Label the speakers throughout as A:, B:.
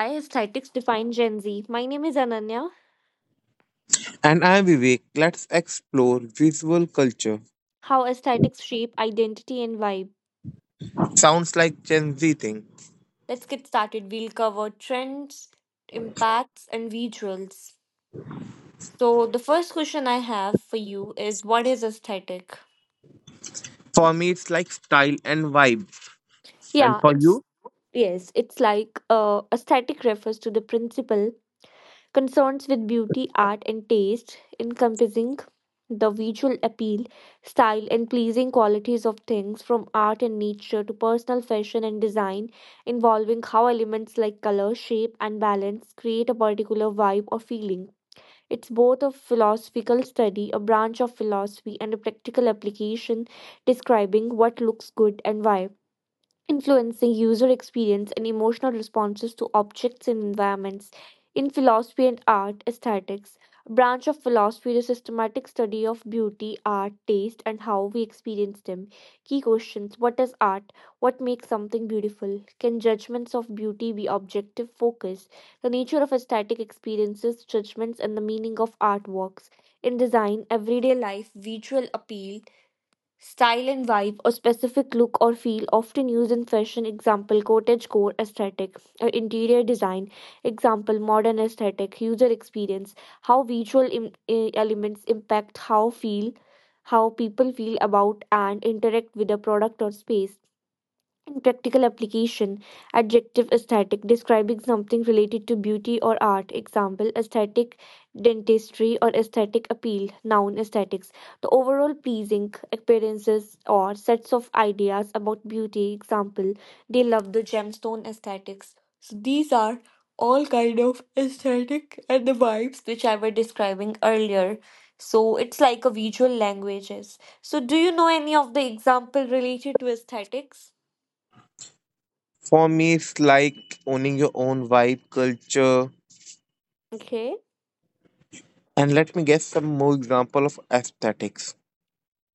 A: Why Aesthetics Define Gen Z. My name is Ananya.
B: And I'm Vivek. Let's explore visual culture.
A: How aesthetics shape identity and vibe.
B: Sounds like Gen Z thing.
A: Let's get started. We'll cover trends, impacts, and visuals. So, the first question I have for you is what is aesthetic?
B: For me, it's like style and vibe. And
A: Yeah,
B: for
A: it's
B: you?
A: yes, it's like aesthetic refers to the principle concerns with beauty, art, and taste, encompassing the visual appeal, style, and pleasing qualities of things from art and nature to personal fashion and design, involving how elements like color, shape, and balance create a particular vibe or feeling. It's both a philosophical study, a branch of philosophy, and a practical application describing what looks good and why, influencing user experience and emotional responses to objects and environments. In philosophy and art, aesthetics, a branch of philosophy, is a systematic study of beauty, art, taste, and how we experience them. Key questions: what is art? What makes something beautiful? Can judgments of beauty be objective? Focus: the nature of aesthetic experiences, judgments, and the meaning of artworks. In design, everyday life, visual appeal. Style and vibe, or specific look or feel, often used in fashion, example cottage core aesthetic, or interior design, example modern aesthetic. User experience: how visual elements impact how feel, how people feel about and interact with a product or space. In practical application, adjective aesthetic describing something related to beauty or art. Example, aesthetic dentistry or aesthetic appeal. Noun, aesthetics. The overall pleasing appearances or sets of ideas about beauty. Example, they love the gemstone aesthetics. So these are all kind of aesthetic and the vibes which I were describing earlier. So it's like a visual languages. So do you know any of the example related to aesthetics?
B: For me, it's like owning your own vibe, culture.
A: Okay.
B: And let me guess some more example of aesthetics.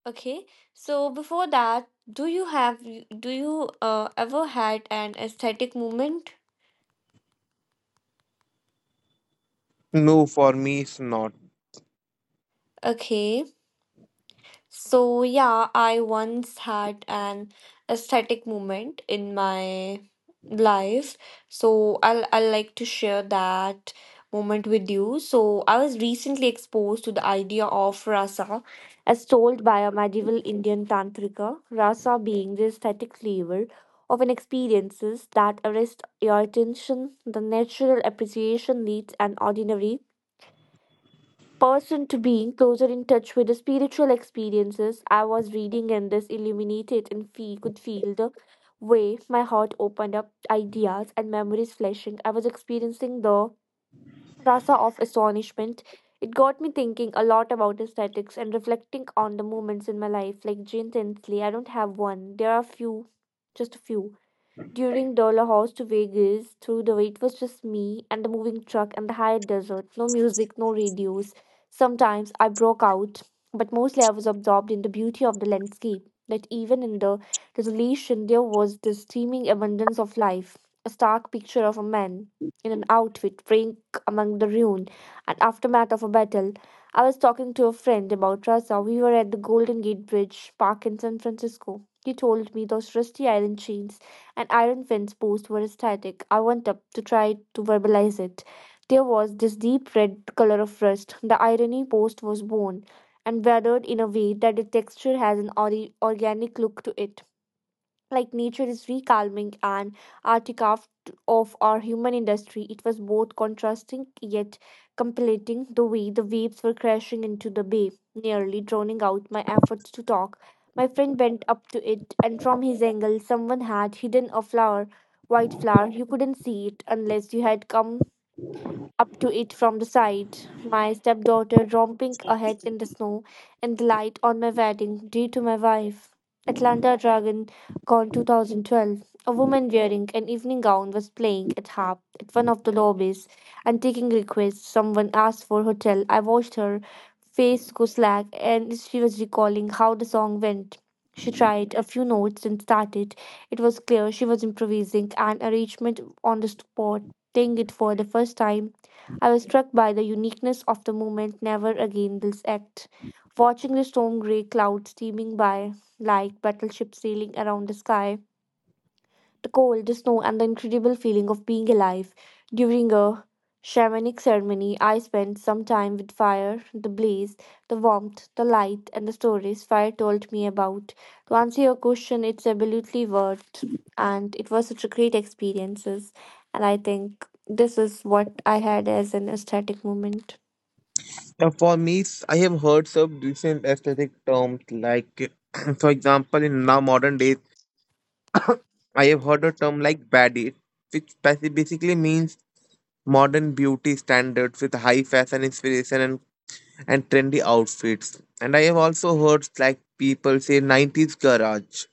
A: Okay. So before that, do you ever had an aesthetic moment?
B: No, for me, it's not.
A: Okay. So, yeah, I once had an aesthetic moment in my life. So, I'll like to share that moment with you. So, I was recently exposed to the idea of rasa as told by a medieval Indian tantrika, rasa being the aesthetic flavor of an experiences that arrest your attention, the natural appreciation leads an ordinary person to being closer in touch with the spiritual experiences I was reading, and this illuminated and feel, could feel the way my heart opened up, ideas and memories flashing. I was experiencing the rasa of astonishment. It got me thinking a lot about aesthetics and reflecting on the moments in my life, like Jane Tinsley. I don't have one. There are few, just a few during Dollar House to Vegas, through the way, it was just me and the moving truck and the high desert. No music, no radios. Sometimes I broke out, but mostly I was absorbed in the beauty of the landscape. That even in the desolation, there was this steaming abundance of life. A stark picture of a man in an outfit praying among the ruin and aftermath of a battle. I was talking to a friend about Rasa. We were at the Golden Gate Bridge Park in San Francisco. He told me those rusty iron chains and Iron Fence posts were ecstatic. I went up to try to verbalize it. There was this deep red color of rust. The irony post was worn and weathered in a way that the texture has an organic look to it, like nature is recalming and artifact of our human industry. It was both contrasting yet completing the way the waves were crashing into the bay, nearly drowning out my efforts to talk. My friend bent up to it, and from his angle, someone had hidden a flower, white flower. You couldn't see it unless you had come up to it from the side, my stepdaughter romping ahead in the snow, and the light on my wedding due to my wife. Atlanta Dragon Con 2012. A woman wearing an evening gown was playing at harp at one of the lobbies and taking requests. Someone asked for hotel. I watched her face go slack and she was recalling how the song went. She tried a few notes and started. It was clear she was improvising an arrangement on the spot, playing it for the first time. I was struck by the uniqueness of the moment. Never again this act. Watching the storm grey clouds steaming by like battleships sailing around the sky, the cold, the snow, and the incredible feeling of being alive. During a shamanic ceremony, I spent some time with fire, the blaze, the warmth, the light, and the stories fire told me about. To answer your question, it's absolutely worth, and it was such a great experiences. And I think this is what I had as an aesthetic moment.
B: For me, I have heard some recent aesthetic terms like, for example, in now modern days, I have heard a term like baddie, which basically means modern beauty standards with high fashion inspiration and trendy outfits. And I have also heard like people say 90s garage.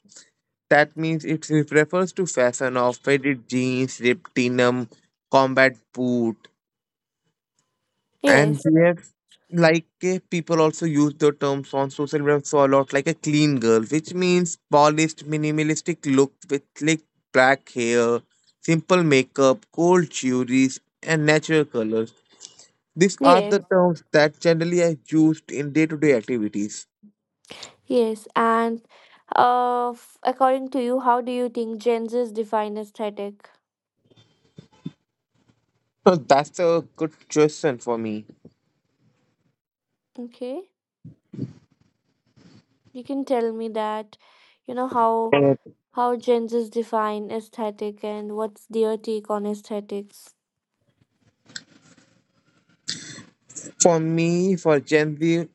B: That means it refers to fashion of faded jeans, ripped denim, combat boot. And
A: Yes,
B: they have like people also use the terms on social media so a lot like a clean girl, which means polished, minimalistic look with slick black hair, simple makeup, gold jewelry, and natural colors. These are
A: yes,
B: the terms that generally are used in day to day activities.
A: yes. And according to you, how do you think Gen Z's define aesthetic?
B: So that's a good question for me.
A: Okay. You can tell me that, you know, how
B: Uh,
A: how Gen Zs define aesthetic and what's their take on aesthetics.
B: For me, for Gen Z,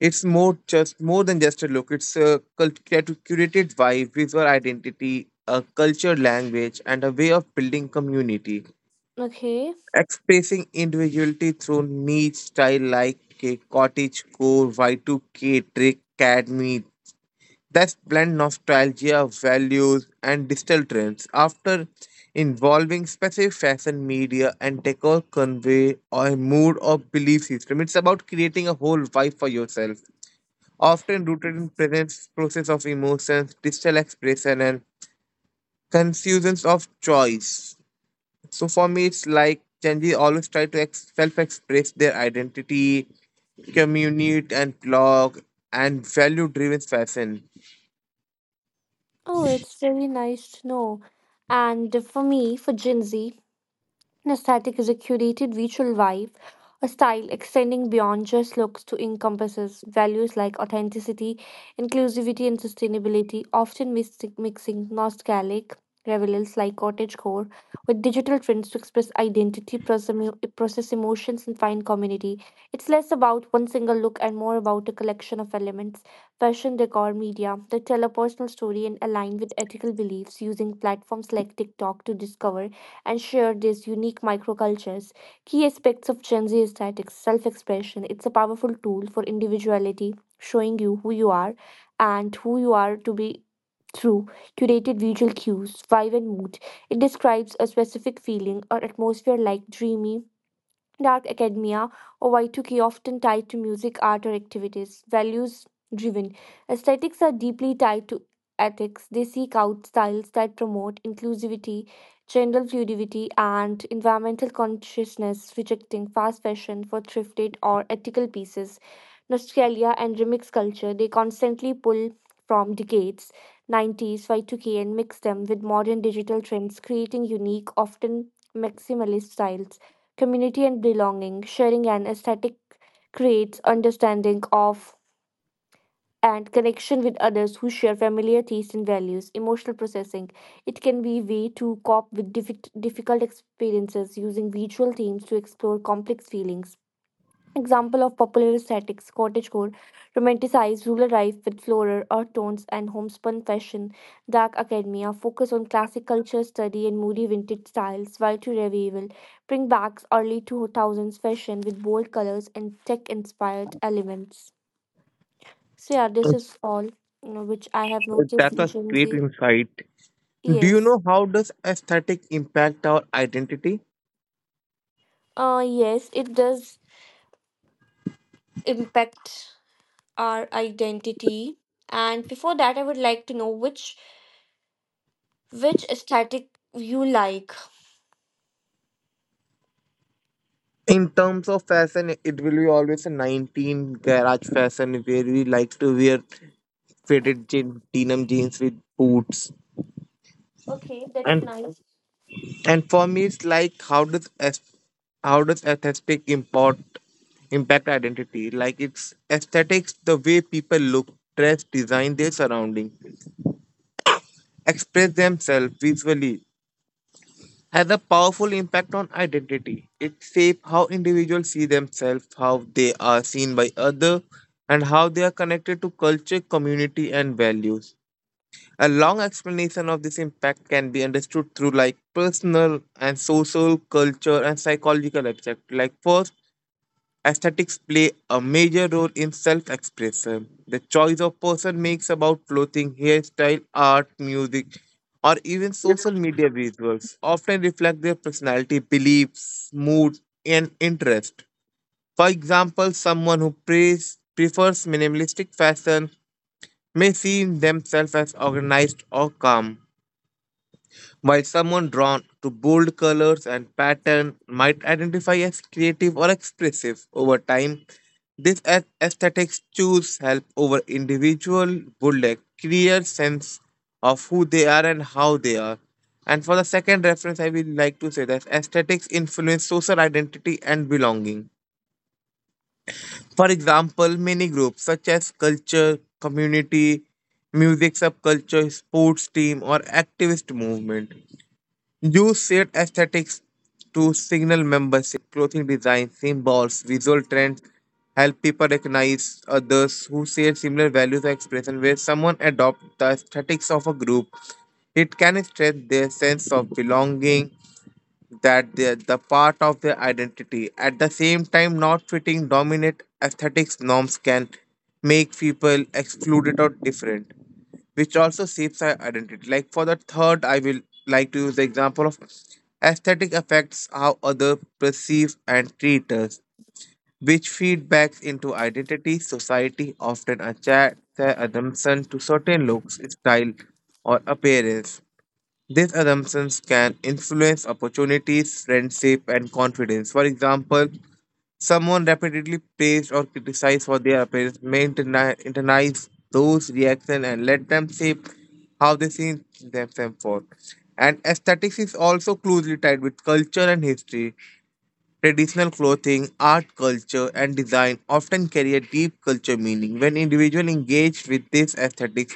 B: it's more than just a look. It's a curated vibe, visual identity, a culture, language, and a way of building community.
A: Okay.
B: Expressing individuality through niche style like a cottage core, Y2K, trick, academy, that blend nostalgia, values, and digital trends after involving specific fashion media and decor convey a mood or belief system. It's about creating a whole vibe for yourself, often rooted in present process of emotions, digital expression, and confusions of choice. So for me, it's like Gen Z always try to self-express their identity, community, and blog, and value-driven fashion.
A: Oh, it's really nice to know. And for me, for Gen Z, an aesthetic is a curated visual vibe, a style extending beyond just looks to encompasses values like authenticity, inclusivity, and sustainability, often mixing nostalgic revels like cottagecore with digital trends to express identity, process emotions, and find community. It's less about one single look and more about a collection of elements, fashion, decor, media that tell a personal story and align with ethical beliefs using platforms like TikTok to discover and share these unique microcultures. Key aspects of Gen Z aesthetics: self expression. It's a powerful tool for individuality, showing you who you are and who you are to be through curated visual cues, vibe, and mood. It describes a specific feeling or atmosphere like dreamy, dark academia, or Y2K, often tied to music, art, or activities. Values driven. Aesthetics are deeply tied to ethics. They seek out styles that promote inclusivity, gender fluidity, and environmental consciousness, rejecting fast fashion for thrifted or ethical pieces. Nostalgia and remix culture. They constantly pull from decades 90s Y2K and mix them with modern digital trends, creating unique, often maximalist styles. Community and belonging, sharing an aesthetic creates understanding of and connection with others who share familiar tastes and values. Emotional processing, it can be a way to cope with difficult experiences using visual themes to explore complex feelings. Example of popular aesthetics, cottagecore, romanticized rural life with floral earth tones and homespun fashion, dark academia, focus on classic culture study and moody vintage styles, while to revival, bring back early 2000s fashion with bold colors and tech-inspired elements. So yeah, this is all, you know, which I have noticed
B: That's
A: in
B: a
A: Gen
B: great
A: Z.
B: insight. Do you
A: Yes.
B: know how does aesthetic impact our identity?
A: Yes, it does impact our identity. And before that, I would like to know which aesthetic you like?
B: In terms of fashion, it will be always a 19 garage fashion where we like to wear faded jean, denim jeans with boots.
A: Okay, that's
B: And
A: nice.
B: and for me, it's like how does how does aesthetic import impact identity? Like it's aesthetics, the way people look, dress, design their surrounding, express themselves visually, has a powerful impact on identity. It shapes how individuals see themselves, how they are seen by others, and how they are connected to culture, community, and values. A long explanation of this impact can be understood through like personal and social, culture, and psychological aspects. Like first, aesthetics play a major role in self expression. The choice a person makes about clothing, hairstyle, art, music, or even social media visuals often reflect their personality, beliefs, mood, and interest. For example, someone who prefers minimalistic fashion may see themselves as organized or calm, while someone drawn to bold colors and pattern might identify as creative or expressive. Over time, this aesthetics choose help over individual build a clear sense of who they are and how they are. And for the second reference, I would like to say that aesthetics influence social identity and belonging. For example, many groups such as culture, community, music subculture, sports team, or activist movement use shared aesthetics to signal membership. Clothing design, symbols, visual trends help people recognize others who share similar values or expression. Where someone adopts the aesthetics of a group, it can strengthen their sense of belonging that they the part of their identity. At the same time, not fitting dominant aesthetics norms can make people excluded or different, which also shapes our identity. Like for the third, I will like to use the example of aesthetic affects how others perceive and treat us, which feedbacks into identity. Society often attaches assumption to certain looks, style, or appearance. These assumptions can influence opportunities, friendship, and confidence. For example, someone repeatedly praised or criticized for their appearance may internalize those reactions and let them shape how they see themselves for. And aesthetics is also closely tied with culture and history. Traditional clothing, art, culture, and design often carry a deep culture meaning. When individuals engage with these aesthetics,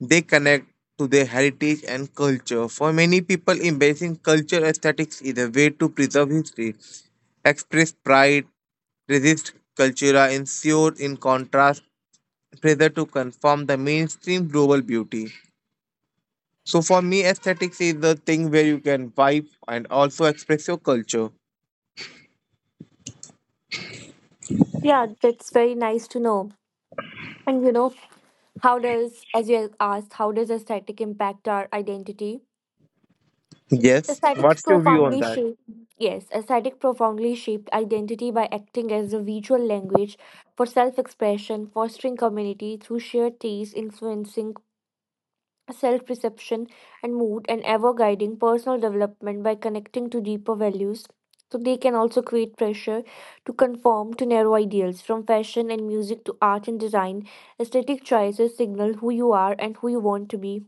B: they connect to their heritage and culture. For many people, embracing culture aesthetics is a way to preserve history, express pride, resist cultura, and ensure in contrast, pressure to conform the mainstream global beauty. So for me, aesthetics is the thing where you can vibe and also express your culture.
A: Yeah, that's very nice to know. And you know, how does, as you asked, how does aesthetic impact our identity?
B: Yes.
A: Aesthetics profoundly shape, yes, aesthetic profoundly shaped identity by acting as a visual language for self expression, fostering community through shared taste, influencing self perception and mood, and ever guiding personal development by connecting to deeper values. So, they can also create pressure to conform to narrow ideals, from fashion and music to art and design. Aesthetic choices signal who you are and who you want to be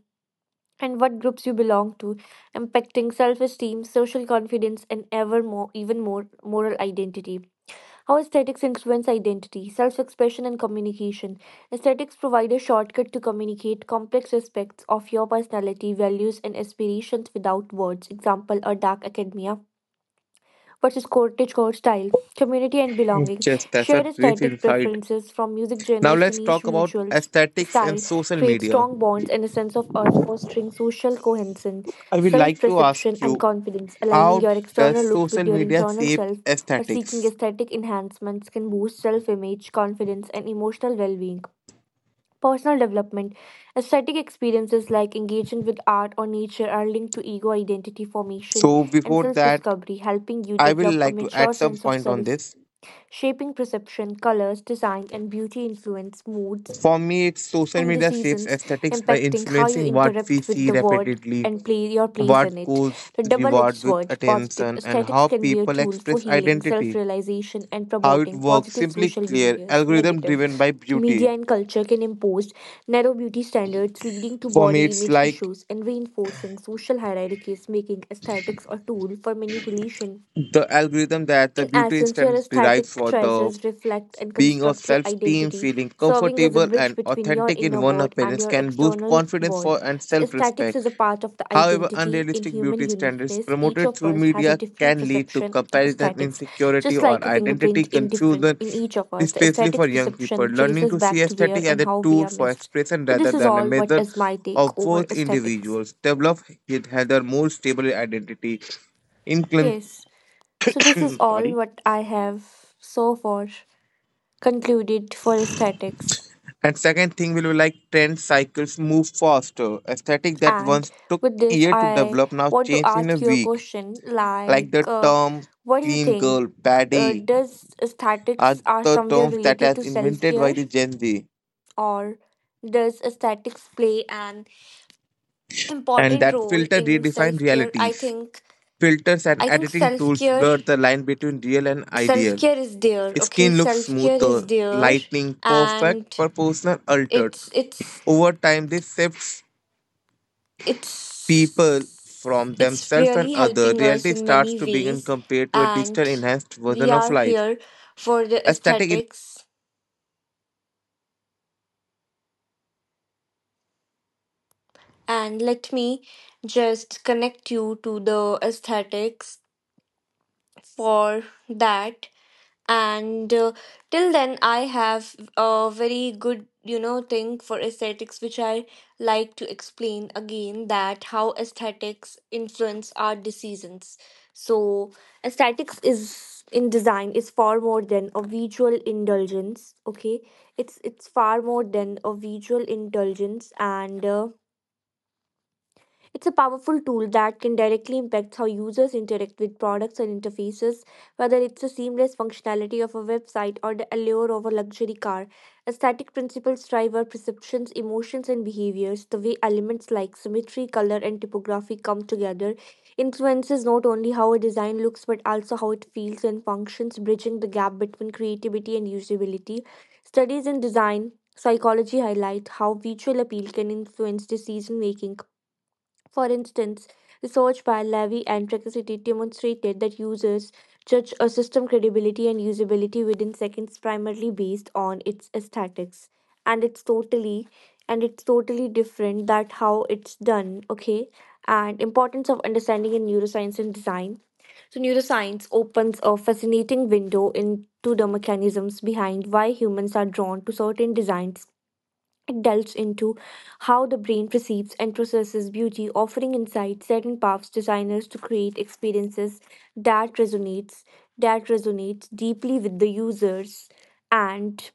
A: and what groups you belong to, impacting self-esteem, social confidence, and ever more, even more moral identity. How aesthetics influence identity, self-expression, and communication. Aesthetics provide a shortcut to communicate complex aspects of your personality, values, and aspirations without words. Example: a dark academia versus cottagecore style, community and belonging,
B: Yes, that's a
A: shared
B: great
A: aesthetic
B: insight.
A: preferences from music
B: Now
A: genres to
B: let's
A: niche
B: talk about
A: visuals
B: aesthetics and
A: style
B: social
A: create
B: media.
A: strong bonds and a sense of us fostering social cohesion,
B: I would like to ask
A: self-perception and
B: you,
A: confidence, aligning
B: how
A: your
B: does
A: external look
B: social
A: with your
B: media
A: internal
B: shape
A: self or seeking
B: aesthetics?
A: aesthetic enhancements can boost self-image, confidence and emotional well-being. Personal development. Aesthetic experiences like engaging with art or nature are linked to ego identity formation
B: So
A: and
B: before
A: self
B: that,
A: discovery, helping you
B: I will
A: develop a
B: like to add
A: mature
B: some
A: sense of
B: point on
A: self,
B: this.
A: shaping perception, colors, design, and beauty influence moods
B: For me, it's social
A: and
B: media shapes
A: decisions
B: aesthetics by
A: impacting how you
B: influencing what
A: interact
B: we
A: with
B: see
A: the world
B: repeatedly,
A: and play your place
B: what
A: in it.
B: goals
A: The double-edged
B: reward with
A: sword, positive
B: attention, and
A: aesthetics
B: how
A: can be a
B: people
A: tool for
B: express
A: healing,
B: identity.
A: self-realization, and
B: How it
A: promoting
B: works,
A: positive
B: simply
A: social
B: clear,
A: behaviors.
B: algorithm
A: Negative.
B: driven by beauty.
A: Media and culture can impose narrow beauty standards, leading to
B: For me,
A: body
B: it's
A: image
B: like
A: issues and reinforcing social hierarchies, making aesthetics a tool for manipulation
B: the algorithm that the
A: in
B: beauty
A: essence, your
B: standards derive
A: aesthetic
B: for the
A: choices reflect and
B: being of
A: construct your
B: self-esteem,
A: identity,
B: feeling
A: serving as a
B: comfortable
A: bridge
B: and
A: between your
B: authentic in
A: inner
B: one
A: world and
B: appearance
A: your
B: can boost
A: external
B: confidence
A: world.
B: for and
A: So, aesthetics
B: self-respect.
A: is a part of the
B: However,
A: identity in
B: unrealistic
A: human
B: beauty standards
A: uniqueness. Each
B: promoted
A: of
B: through
A: us has a
B: media
A: different
B: can lead to
A: perception of
B: comparison,
A: aesthetics,
B: insecurity,
A: just
B: or
A: like a
B: identity
A: fingerprint in different
B: confusion,
A: in each of us. The
B: especially for
A: aesthetics
B: young people.
A: perception
B: Learning
A: traces
B: to see
A: back to where
B: aesthetic as
A: and
B: a
A: how we
B: tool
A: are
B: for
A: missed.
B: expression
A: So,
B: rather
A: this is
B: than a
A: all what
B: measure
A: is my
B: of
A: take over
B: both
A: aesthetics.
B: individuals develop it has a more stable identity. In conclusion,
A: Yes. So, this is all
B: sorry.
A: what I have so far concluded for aesthetics.
B: And second thing will be like trend cycles move faster. Aesthetic that
A: And
B: once took
A: with this,
B: year to
A: I
B: develop now
A: want to
B: change in a
A: ask you a
B: week.
A: question
B: Like
A: like,
B: the term
A: what do you
B: clean
A: think?
B: girl, baddie
A: Does
B: are
A: aesthetics are
B: the
A: somewhere
B: terms that
A: related
B: has
A: to self
B: invented by
A: care,
B: the Gen Z.
A: or does aesthetics play an
B: And
A: important
B: that
A: role
B: filter
A: in
B: redefine
A: self care? I
B: realities.
A: think
B: Filters and
A: I think
B: editing
A: self
B: tools
A: care
B: blur the line between real and
A: self
B: ideal.
A: care is there. Okay,
B: Skin looks
A: self care is
B: smoother,
A: there,
B: lightning, perfect,
A: and
B: proportional, altered.
A: it's it's
B: Over time, this shifts people
A: it's
B: from
A: it's
B: themselves and
A: really
B: other
A: helping us
B: reality
A: in
B: starts
A: many
B: to begin
A: ways
B: compared to a digital
A: and
B: enhanced
A: we
B: version of
A: are
B: life
A: here for the
B: aesthetic.
A: aesthetics and let me just connect you to the aesthetics for that and till then I have a very good thing for aesthetics which I like to explain again that how aesthetics influence our decisions. So aesthetics is in design is far more than a visual indulgence. Okay, it's far more than a visual indulgence and it's a powerful tool that can directly impact how users interact with products and interfaces, whether it's the seamless functionality of a website or the allure of a luxury car. Aesthetic principles drive our perceptions, emotions, and behaviors. The way elements like symmetry, color, and typography come together influences not only how a design looks but also how it feels and functions, bridging the gap between creativity and usability. Studies in design psychology highlight how visual appeal can influence decision making. For instance, research by Levy and Tricity demonstrated that users judge a system credibility and usability within seconds primarily based on its aesthetics. And it's totally and it's totally different that how it's done, okay? And importance of understanding in neuroscience and design. So neuroscience opens a fascinating window into the mechanisms behind why humans are drawn to certain designs. It delves into how the brain perceives and processes beauty, offering insights that empowers designers to create experiences that resonates deeply with the users and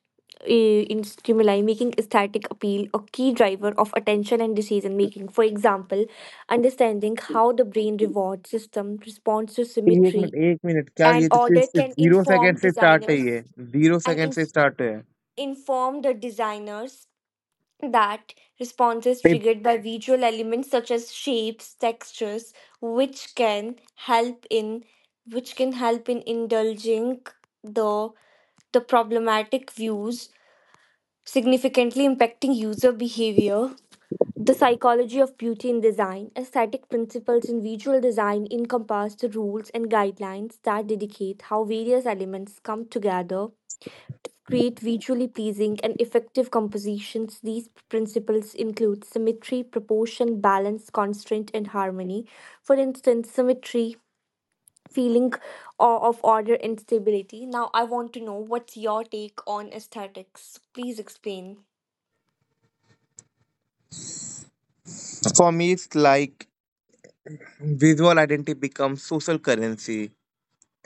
A: in stimuli, making aesthetic appeal a key driver of attention and decision making. For example, understanding how the brain reward system responds to
B: एक minute,
A: symmetry
B: एक minute, क्या
A: and
B: ये तो सिर्फ
A: order
B: सिर्फ
A: can
B: zero second
A: inform
B: से start है, ये
A: designers
B: जीरो
A: and
B: सेकंड से स्टार्ट है.
A: inform the designers that responses
B: Tips
A: triggered by visual elements such as shapes textures which can help in which can help in indulging the the problematic views significantly impacting user behavior. The psychology of beauty in design aesthetic principles in visual design encompass the rules and guidelines that dedicate how various elements come together create visually pleasing and effective compositions. These principles include symmetry, proportion, balance, constraint, and harmony. For instance, symmetry, feeling of order and stability. Now, I want to know what's your take on aesthetics. Please explain.
B: for me is like visual identity becomes social currency.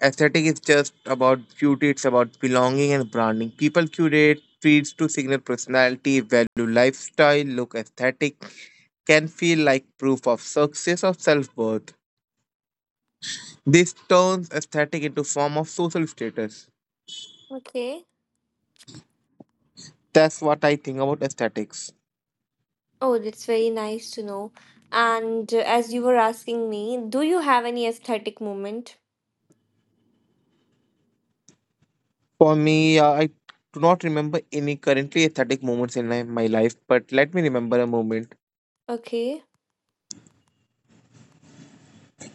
B: Aesthetic is just about beauty, it's about belonging and branding. People curate feeds to signal personality, value, lifestyle, look, aesthetic can feel like proof of success or self-worth. This turns aesthetic into form of social status.
A: Okay.
B: That's what I think about aesthetics.
A: Oh, that's very nice to know. And as you were asking me, do you have any aesthetic moment?
B: For me, I do not remember any currently aesthetic moments in my, my life, but let me remember a moment.
A: Okay.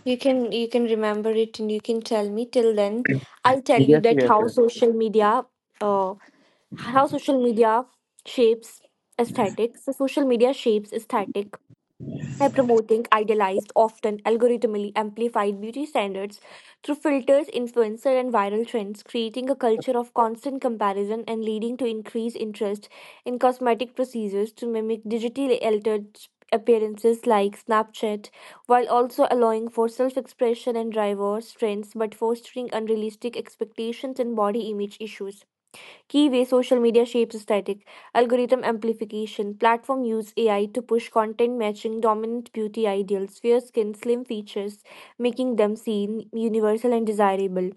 A: You can remember it and you can tell me. Till then, I'll tell you
B: Yes,
A: that
B: yes, yes.
A: uh, how social media shapes aesthetics. So social media shapes aesthetic by promoting idealized, often algorithmically amplified beauty standards through filters, influencer, and viral trends, creating a culture of constant comparison and leading to increased interest in cosmetic procedures to mimic digitally altered appearances like Snapchat, while also allowing for self expression and diverse trends but fostering unrealistic expectations and body image issues. Key way social media shapes aesthetic, algorithm amplification, platform use AI to push content matching dominant beauty ideals, fair skin, slim features, making them seen, universal, and desirable.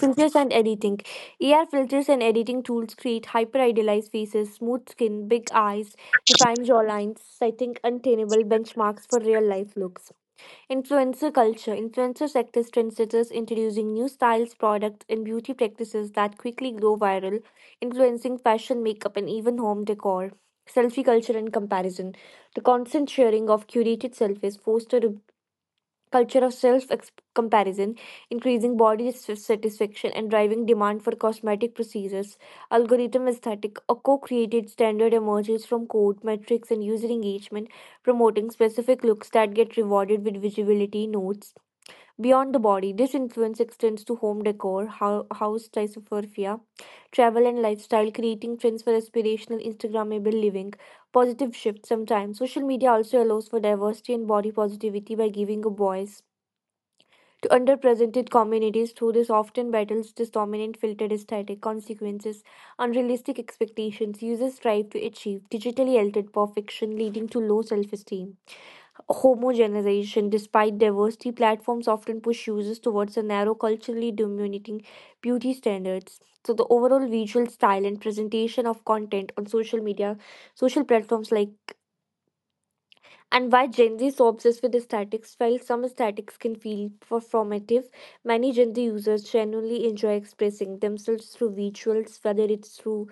A: Filters and editing. AR filters and editing tools create hyper idealized faces, smooth skin, big eyes, defined jawlines, setting untenable benchmarks for real life looks. Influencer culture. Influencer sector is trendsetters introducing new styles, products, and beauty practices that quickly go viral, influencing fashion, makeup, and even home decor. Selfie culture and comparison. The constant sharing of curated selfies foster culture of self comparison, increasing body satisfaction, and driving demand for cosmetic procedures. Algorithm aesthetic, a co created standard emerges from code, metrics, and user engagement, promoting specific looks that get rewarded with visibility notes. Beyond the body, this influence extends to home decor, house typographia, travel and lifestyle, creating trends for aspirational Instagrammable living. Positive shift sometimes. Social media also allows for diversity and body positivity by giving a voice to underrepresented communities through this often battles this dominant filtered aesthetic consequences unrealistic expectations users strive to achieve digitally altered perfection leading to low self-esteem homogenization despite diversity platforms often push users towards a narrow culturally dominating beauty standards so the overall visual style and presentation of content on social media social platforms like and why Gen Z is so obsessed with aesthetics. While some aesthetics can feel performative, many Gen Z users genuinely enjoy expressing themselves through visuals, whether it's through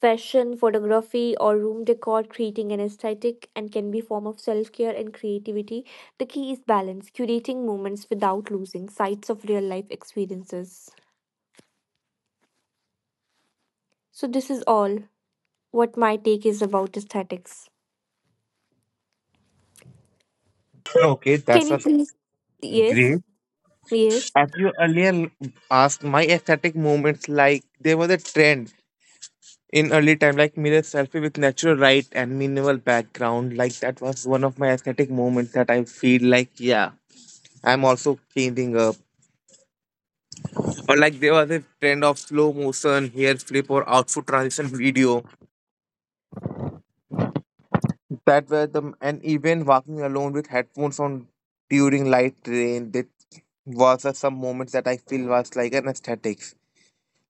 A: fashion, photography, or room decor, creating an aesthetic and can be a form of self-care and creativity. The key is balance, curating moments without losing sights of real-life experiences. So this is all what my take is about aesthetics.
B: Okay,
A: Can
B: that's
A: you
B: a
A: please? Yes.
B: great.
A: Yes.
B: As you earlier asked, my aesthetic moments like there was a trend in early time, like mirror selfie with natural light and minimal background. Like that was one of my aesthetic moments that I feel like, yeah, I'm also changing up. Or like there was a trend of slow motion, hair flip, or outfit transition video. That were the and even walking alone with headphones on during light rain, that was some moments that I feel was like an aesthetics.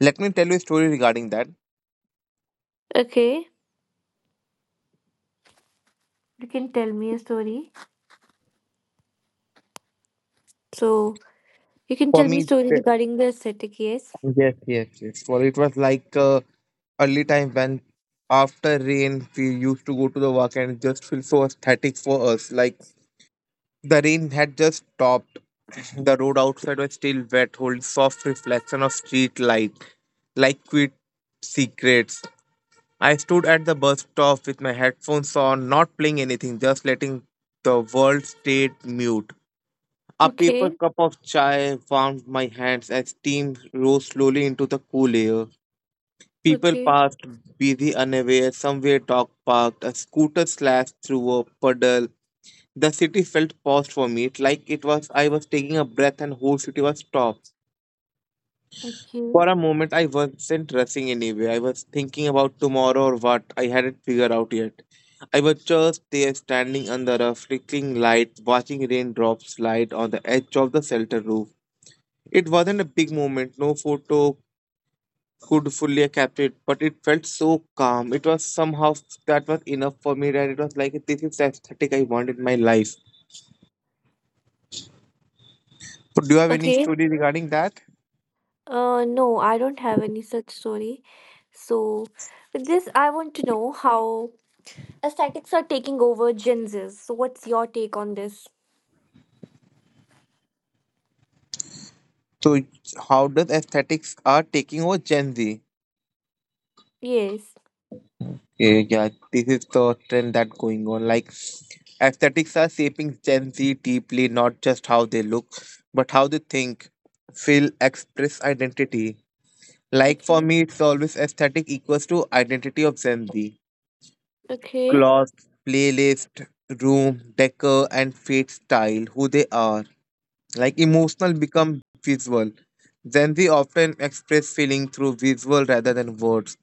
B: Let me tell you a story regarding that.
A: Okay. You can tell me a story. So you can
B: For
A: tell me
B: me,
A: story regarding the aesthetic, yes?
B: yes, yes, yes. For it was like early time when after rain we used to go to the work and it just feel so aesthetic for us. Like the rain had just stopped. The road outside was still wet, holding soft reflection of street light, like sweet secrets. I stood at the bus stop with my headphones on, not playing anything, just letting the world stay mute. A paper
A: Okay,
B: cup of chai warmed my hands as steam rose slowly into the cool air. People
A: okay,
B: passed, busy, unaware. Somewhere, dog barked. A scooter slashed through a puddle. The city felt paused for me, like it was I was taking a breath and whole city was stopped.
A: okay,
B: For a moment, I wasn't rushing anyway. I was thinking about tomorrow or what. I hadn't figured out yet. I was just there, standing under a flickering light, watching raindrops slide on the edge of the shelter roof. It wasn't a big moment. No photo could fully capture it, but it felt so calm. It was somehow that was enough for me. That it was like this is the aesthetic I want in my life. So, do you have any
A: okay.
B: story regarding that?
A: No, I don't have any such story. So with this, I want to know how aesthetics are taking over Gen Z's. So what's your take on this?
B: So, how does aesthetics are taking over Gen Z?
A: Yes.
B: Yeah, yeah, this is the trend that going on. Like aesthetics are shaping Gen Z deeply, not just how they look, but how they think, feel, express identity. Like for
A: Okay,
B: me, it's always aesthetic equals to identity of Gen Z.
A: okay,
B: Clothes, playlist, room, decor, and fit style, who they are. Like emotional become visual. Gen Z often express feeling through visual rather than words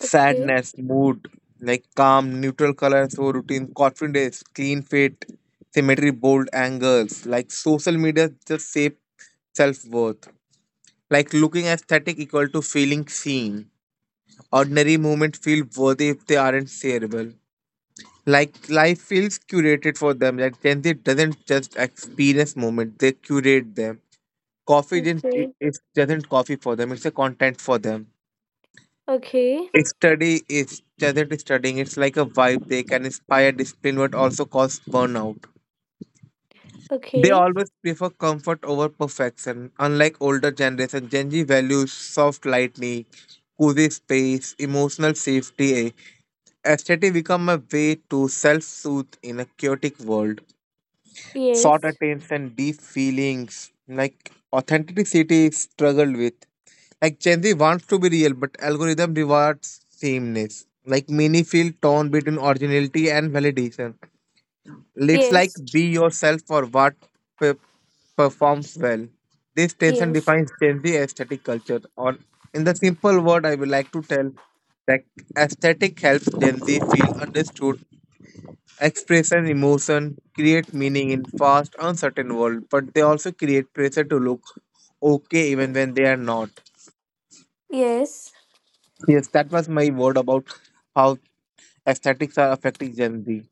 A: okay,
B: mood, like calm, neutral colors. So routine, confidence, clean fit, symmetry, bold angles. Like social media just shape self worth. Like looking aesthetic equal to feeling seen. Ordinary moments feel worthy if they aren't shareable. Like life feels curated for them. Like Gen Z doesn't just experience moments; they curate them. Coffee didn't
A: okay,
B: it doesn't coffee for them. It's a content for them.
A: okay,
B: Study is just studying. It's like a vibe. They can inspire discipline, but also cause burnout. They
A: okay.
B: always prefer comfort over perfection. Unlike older generation, Gen Z values soft lightning, cozy space, emotional safety. Aesthetic become a way to self-soothe in a chaotic world short
A: Yes,
B: attempts and deep feelings like authenticity is struggled with like Gen Z wants to be real but algorithm rewards sameness like many feel torn between originality and validation it's like
A: yes,
B: be yourself for what pe- performs well. This tension
A: yes,
B: defines Gen Z aesthetic culture or in the simple word I would like to tell that aesthetic helps Gen Z feel understood. Expression, emotion, create meaning in fast, uncertain world, but they also create pressure to look okay even when they are not.
A: yes.
B: Yes, that was my word about how aesthetics are affecting Gen Z.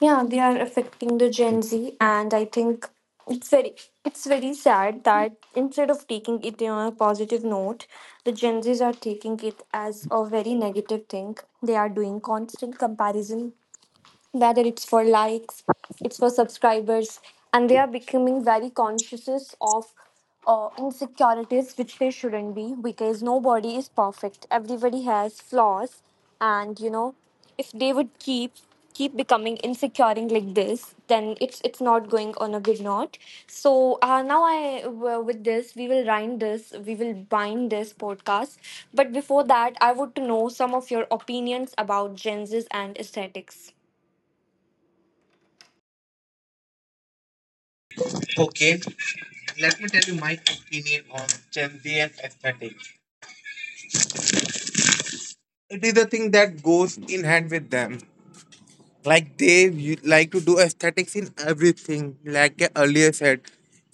A: Yeah, they are affecting the Gen Z, and I think it's very it's very sad that instead of taking it on a positive note, the Gen Zs are taking it as a very negative thing. They are doing constant comparison whether it's for likes, it's for subscribers, and they are becoming very conscious of insecurities which they shouldn't be because nobody is perfect. Everybody has flaws, and you know, if they would keep becoming insecuring like this, then it's not going on a good note. So now with this we will bind this podcast. But before that, I would to know some of your opinions about Gen Z's and aesthetics.
B: Okay, let me tell you my opinion on Gen Z and aesthetics. It is a thing that goes in hand with them. Like they like to do aesthetics in everything like I earlier said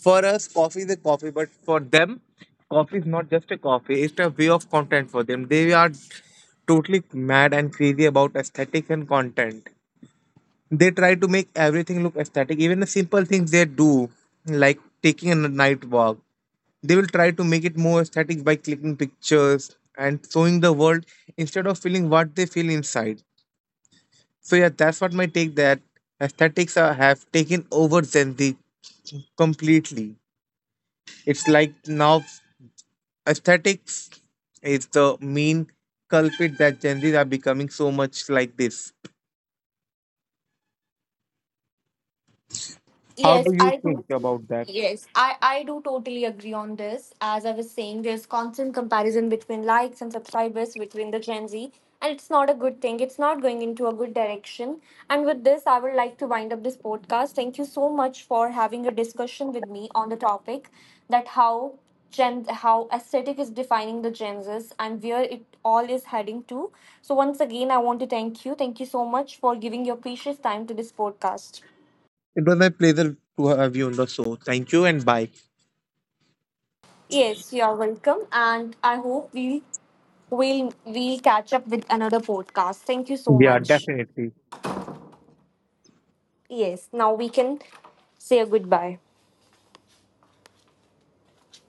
B: for us coffee is a coffee but for them coffee is not just a coffee it's a way of content for them. They are totally mad and crazy about aesthetics and content. They try to make everything look aesthetic even the simple things they do like taking a night walk they will try to make it more aesthetic by clicking pictures and showing the world instead of feeling what they feel inside. So yeah, that's what my take that aesthetics are, have taken over Gen Z completely. It's like now aesthetics is the main culprit that Gen Zs are becoming so much like this. How do
A: Yes,
B: you
A: I do.
B: think about that?
A: Yes, I do totally agree on this. As I was saying, there's constant comparison between likes and subscribers between the Gen Z, and it's not a good thing. It's not going into a good direction. And with this, I would like to wind up this podcast. Thank you so much for having a discussion with me on the topic that how aesthetic is defining the Gen Zs and where it all is heading to. So once again, I want to thank you. Thank you so much for giving your precious time to this podcast.
B: It was my pleasure to have you on the show. Thank you and bye.
A: Yes, you are welcome, and I hope we'll catch up with another podcast. Thank you so
B: Yeah,
A: much.
B: definitely.
A: Yes, now we can say a goodbye.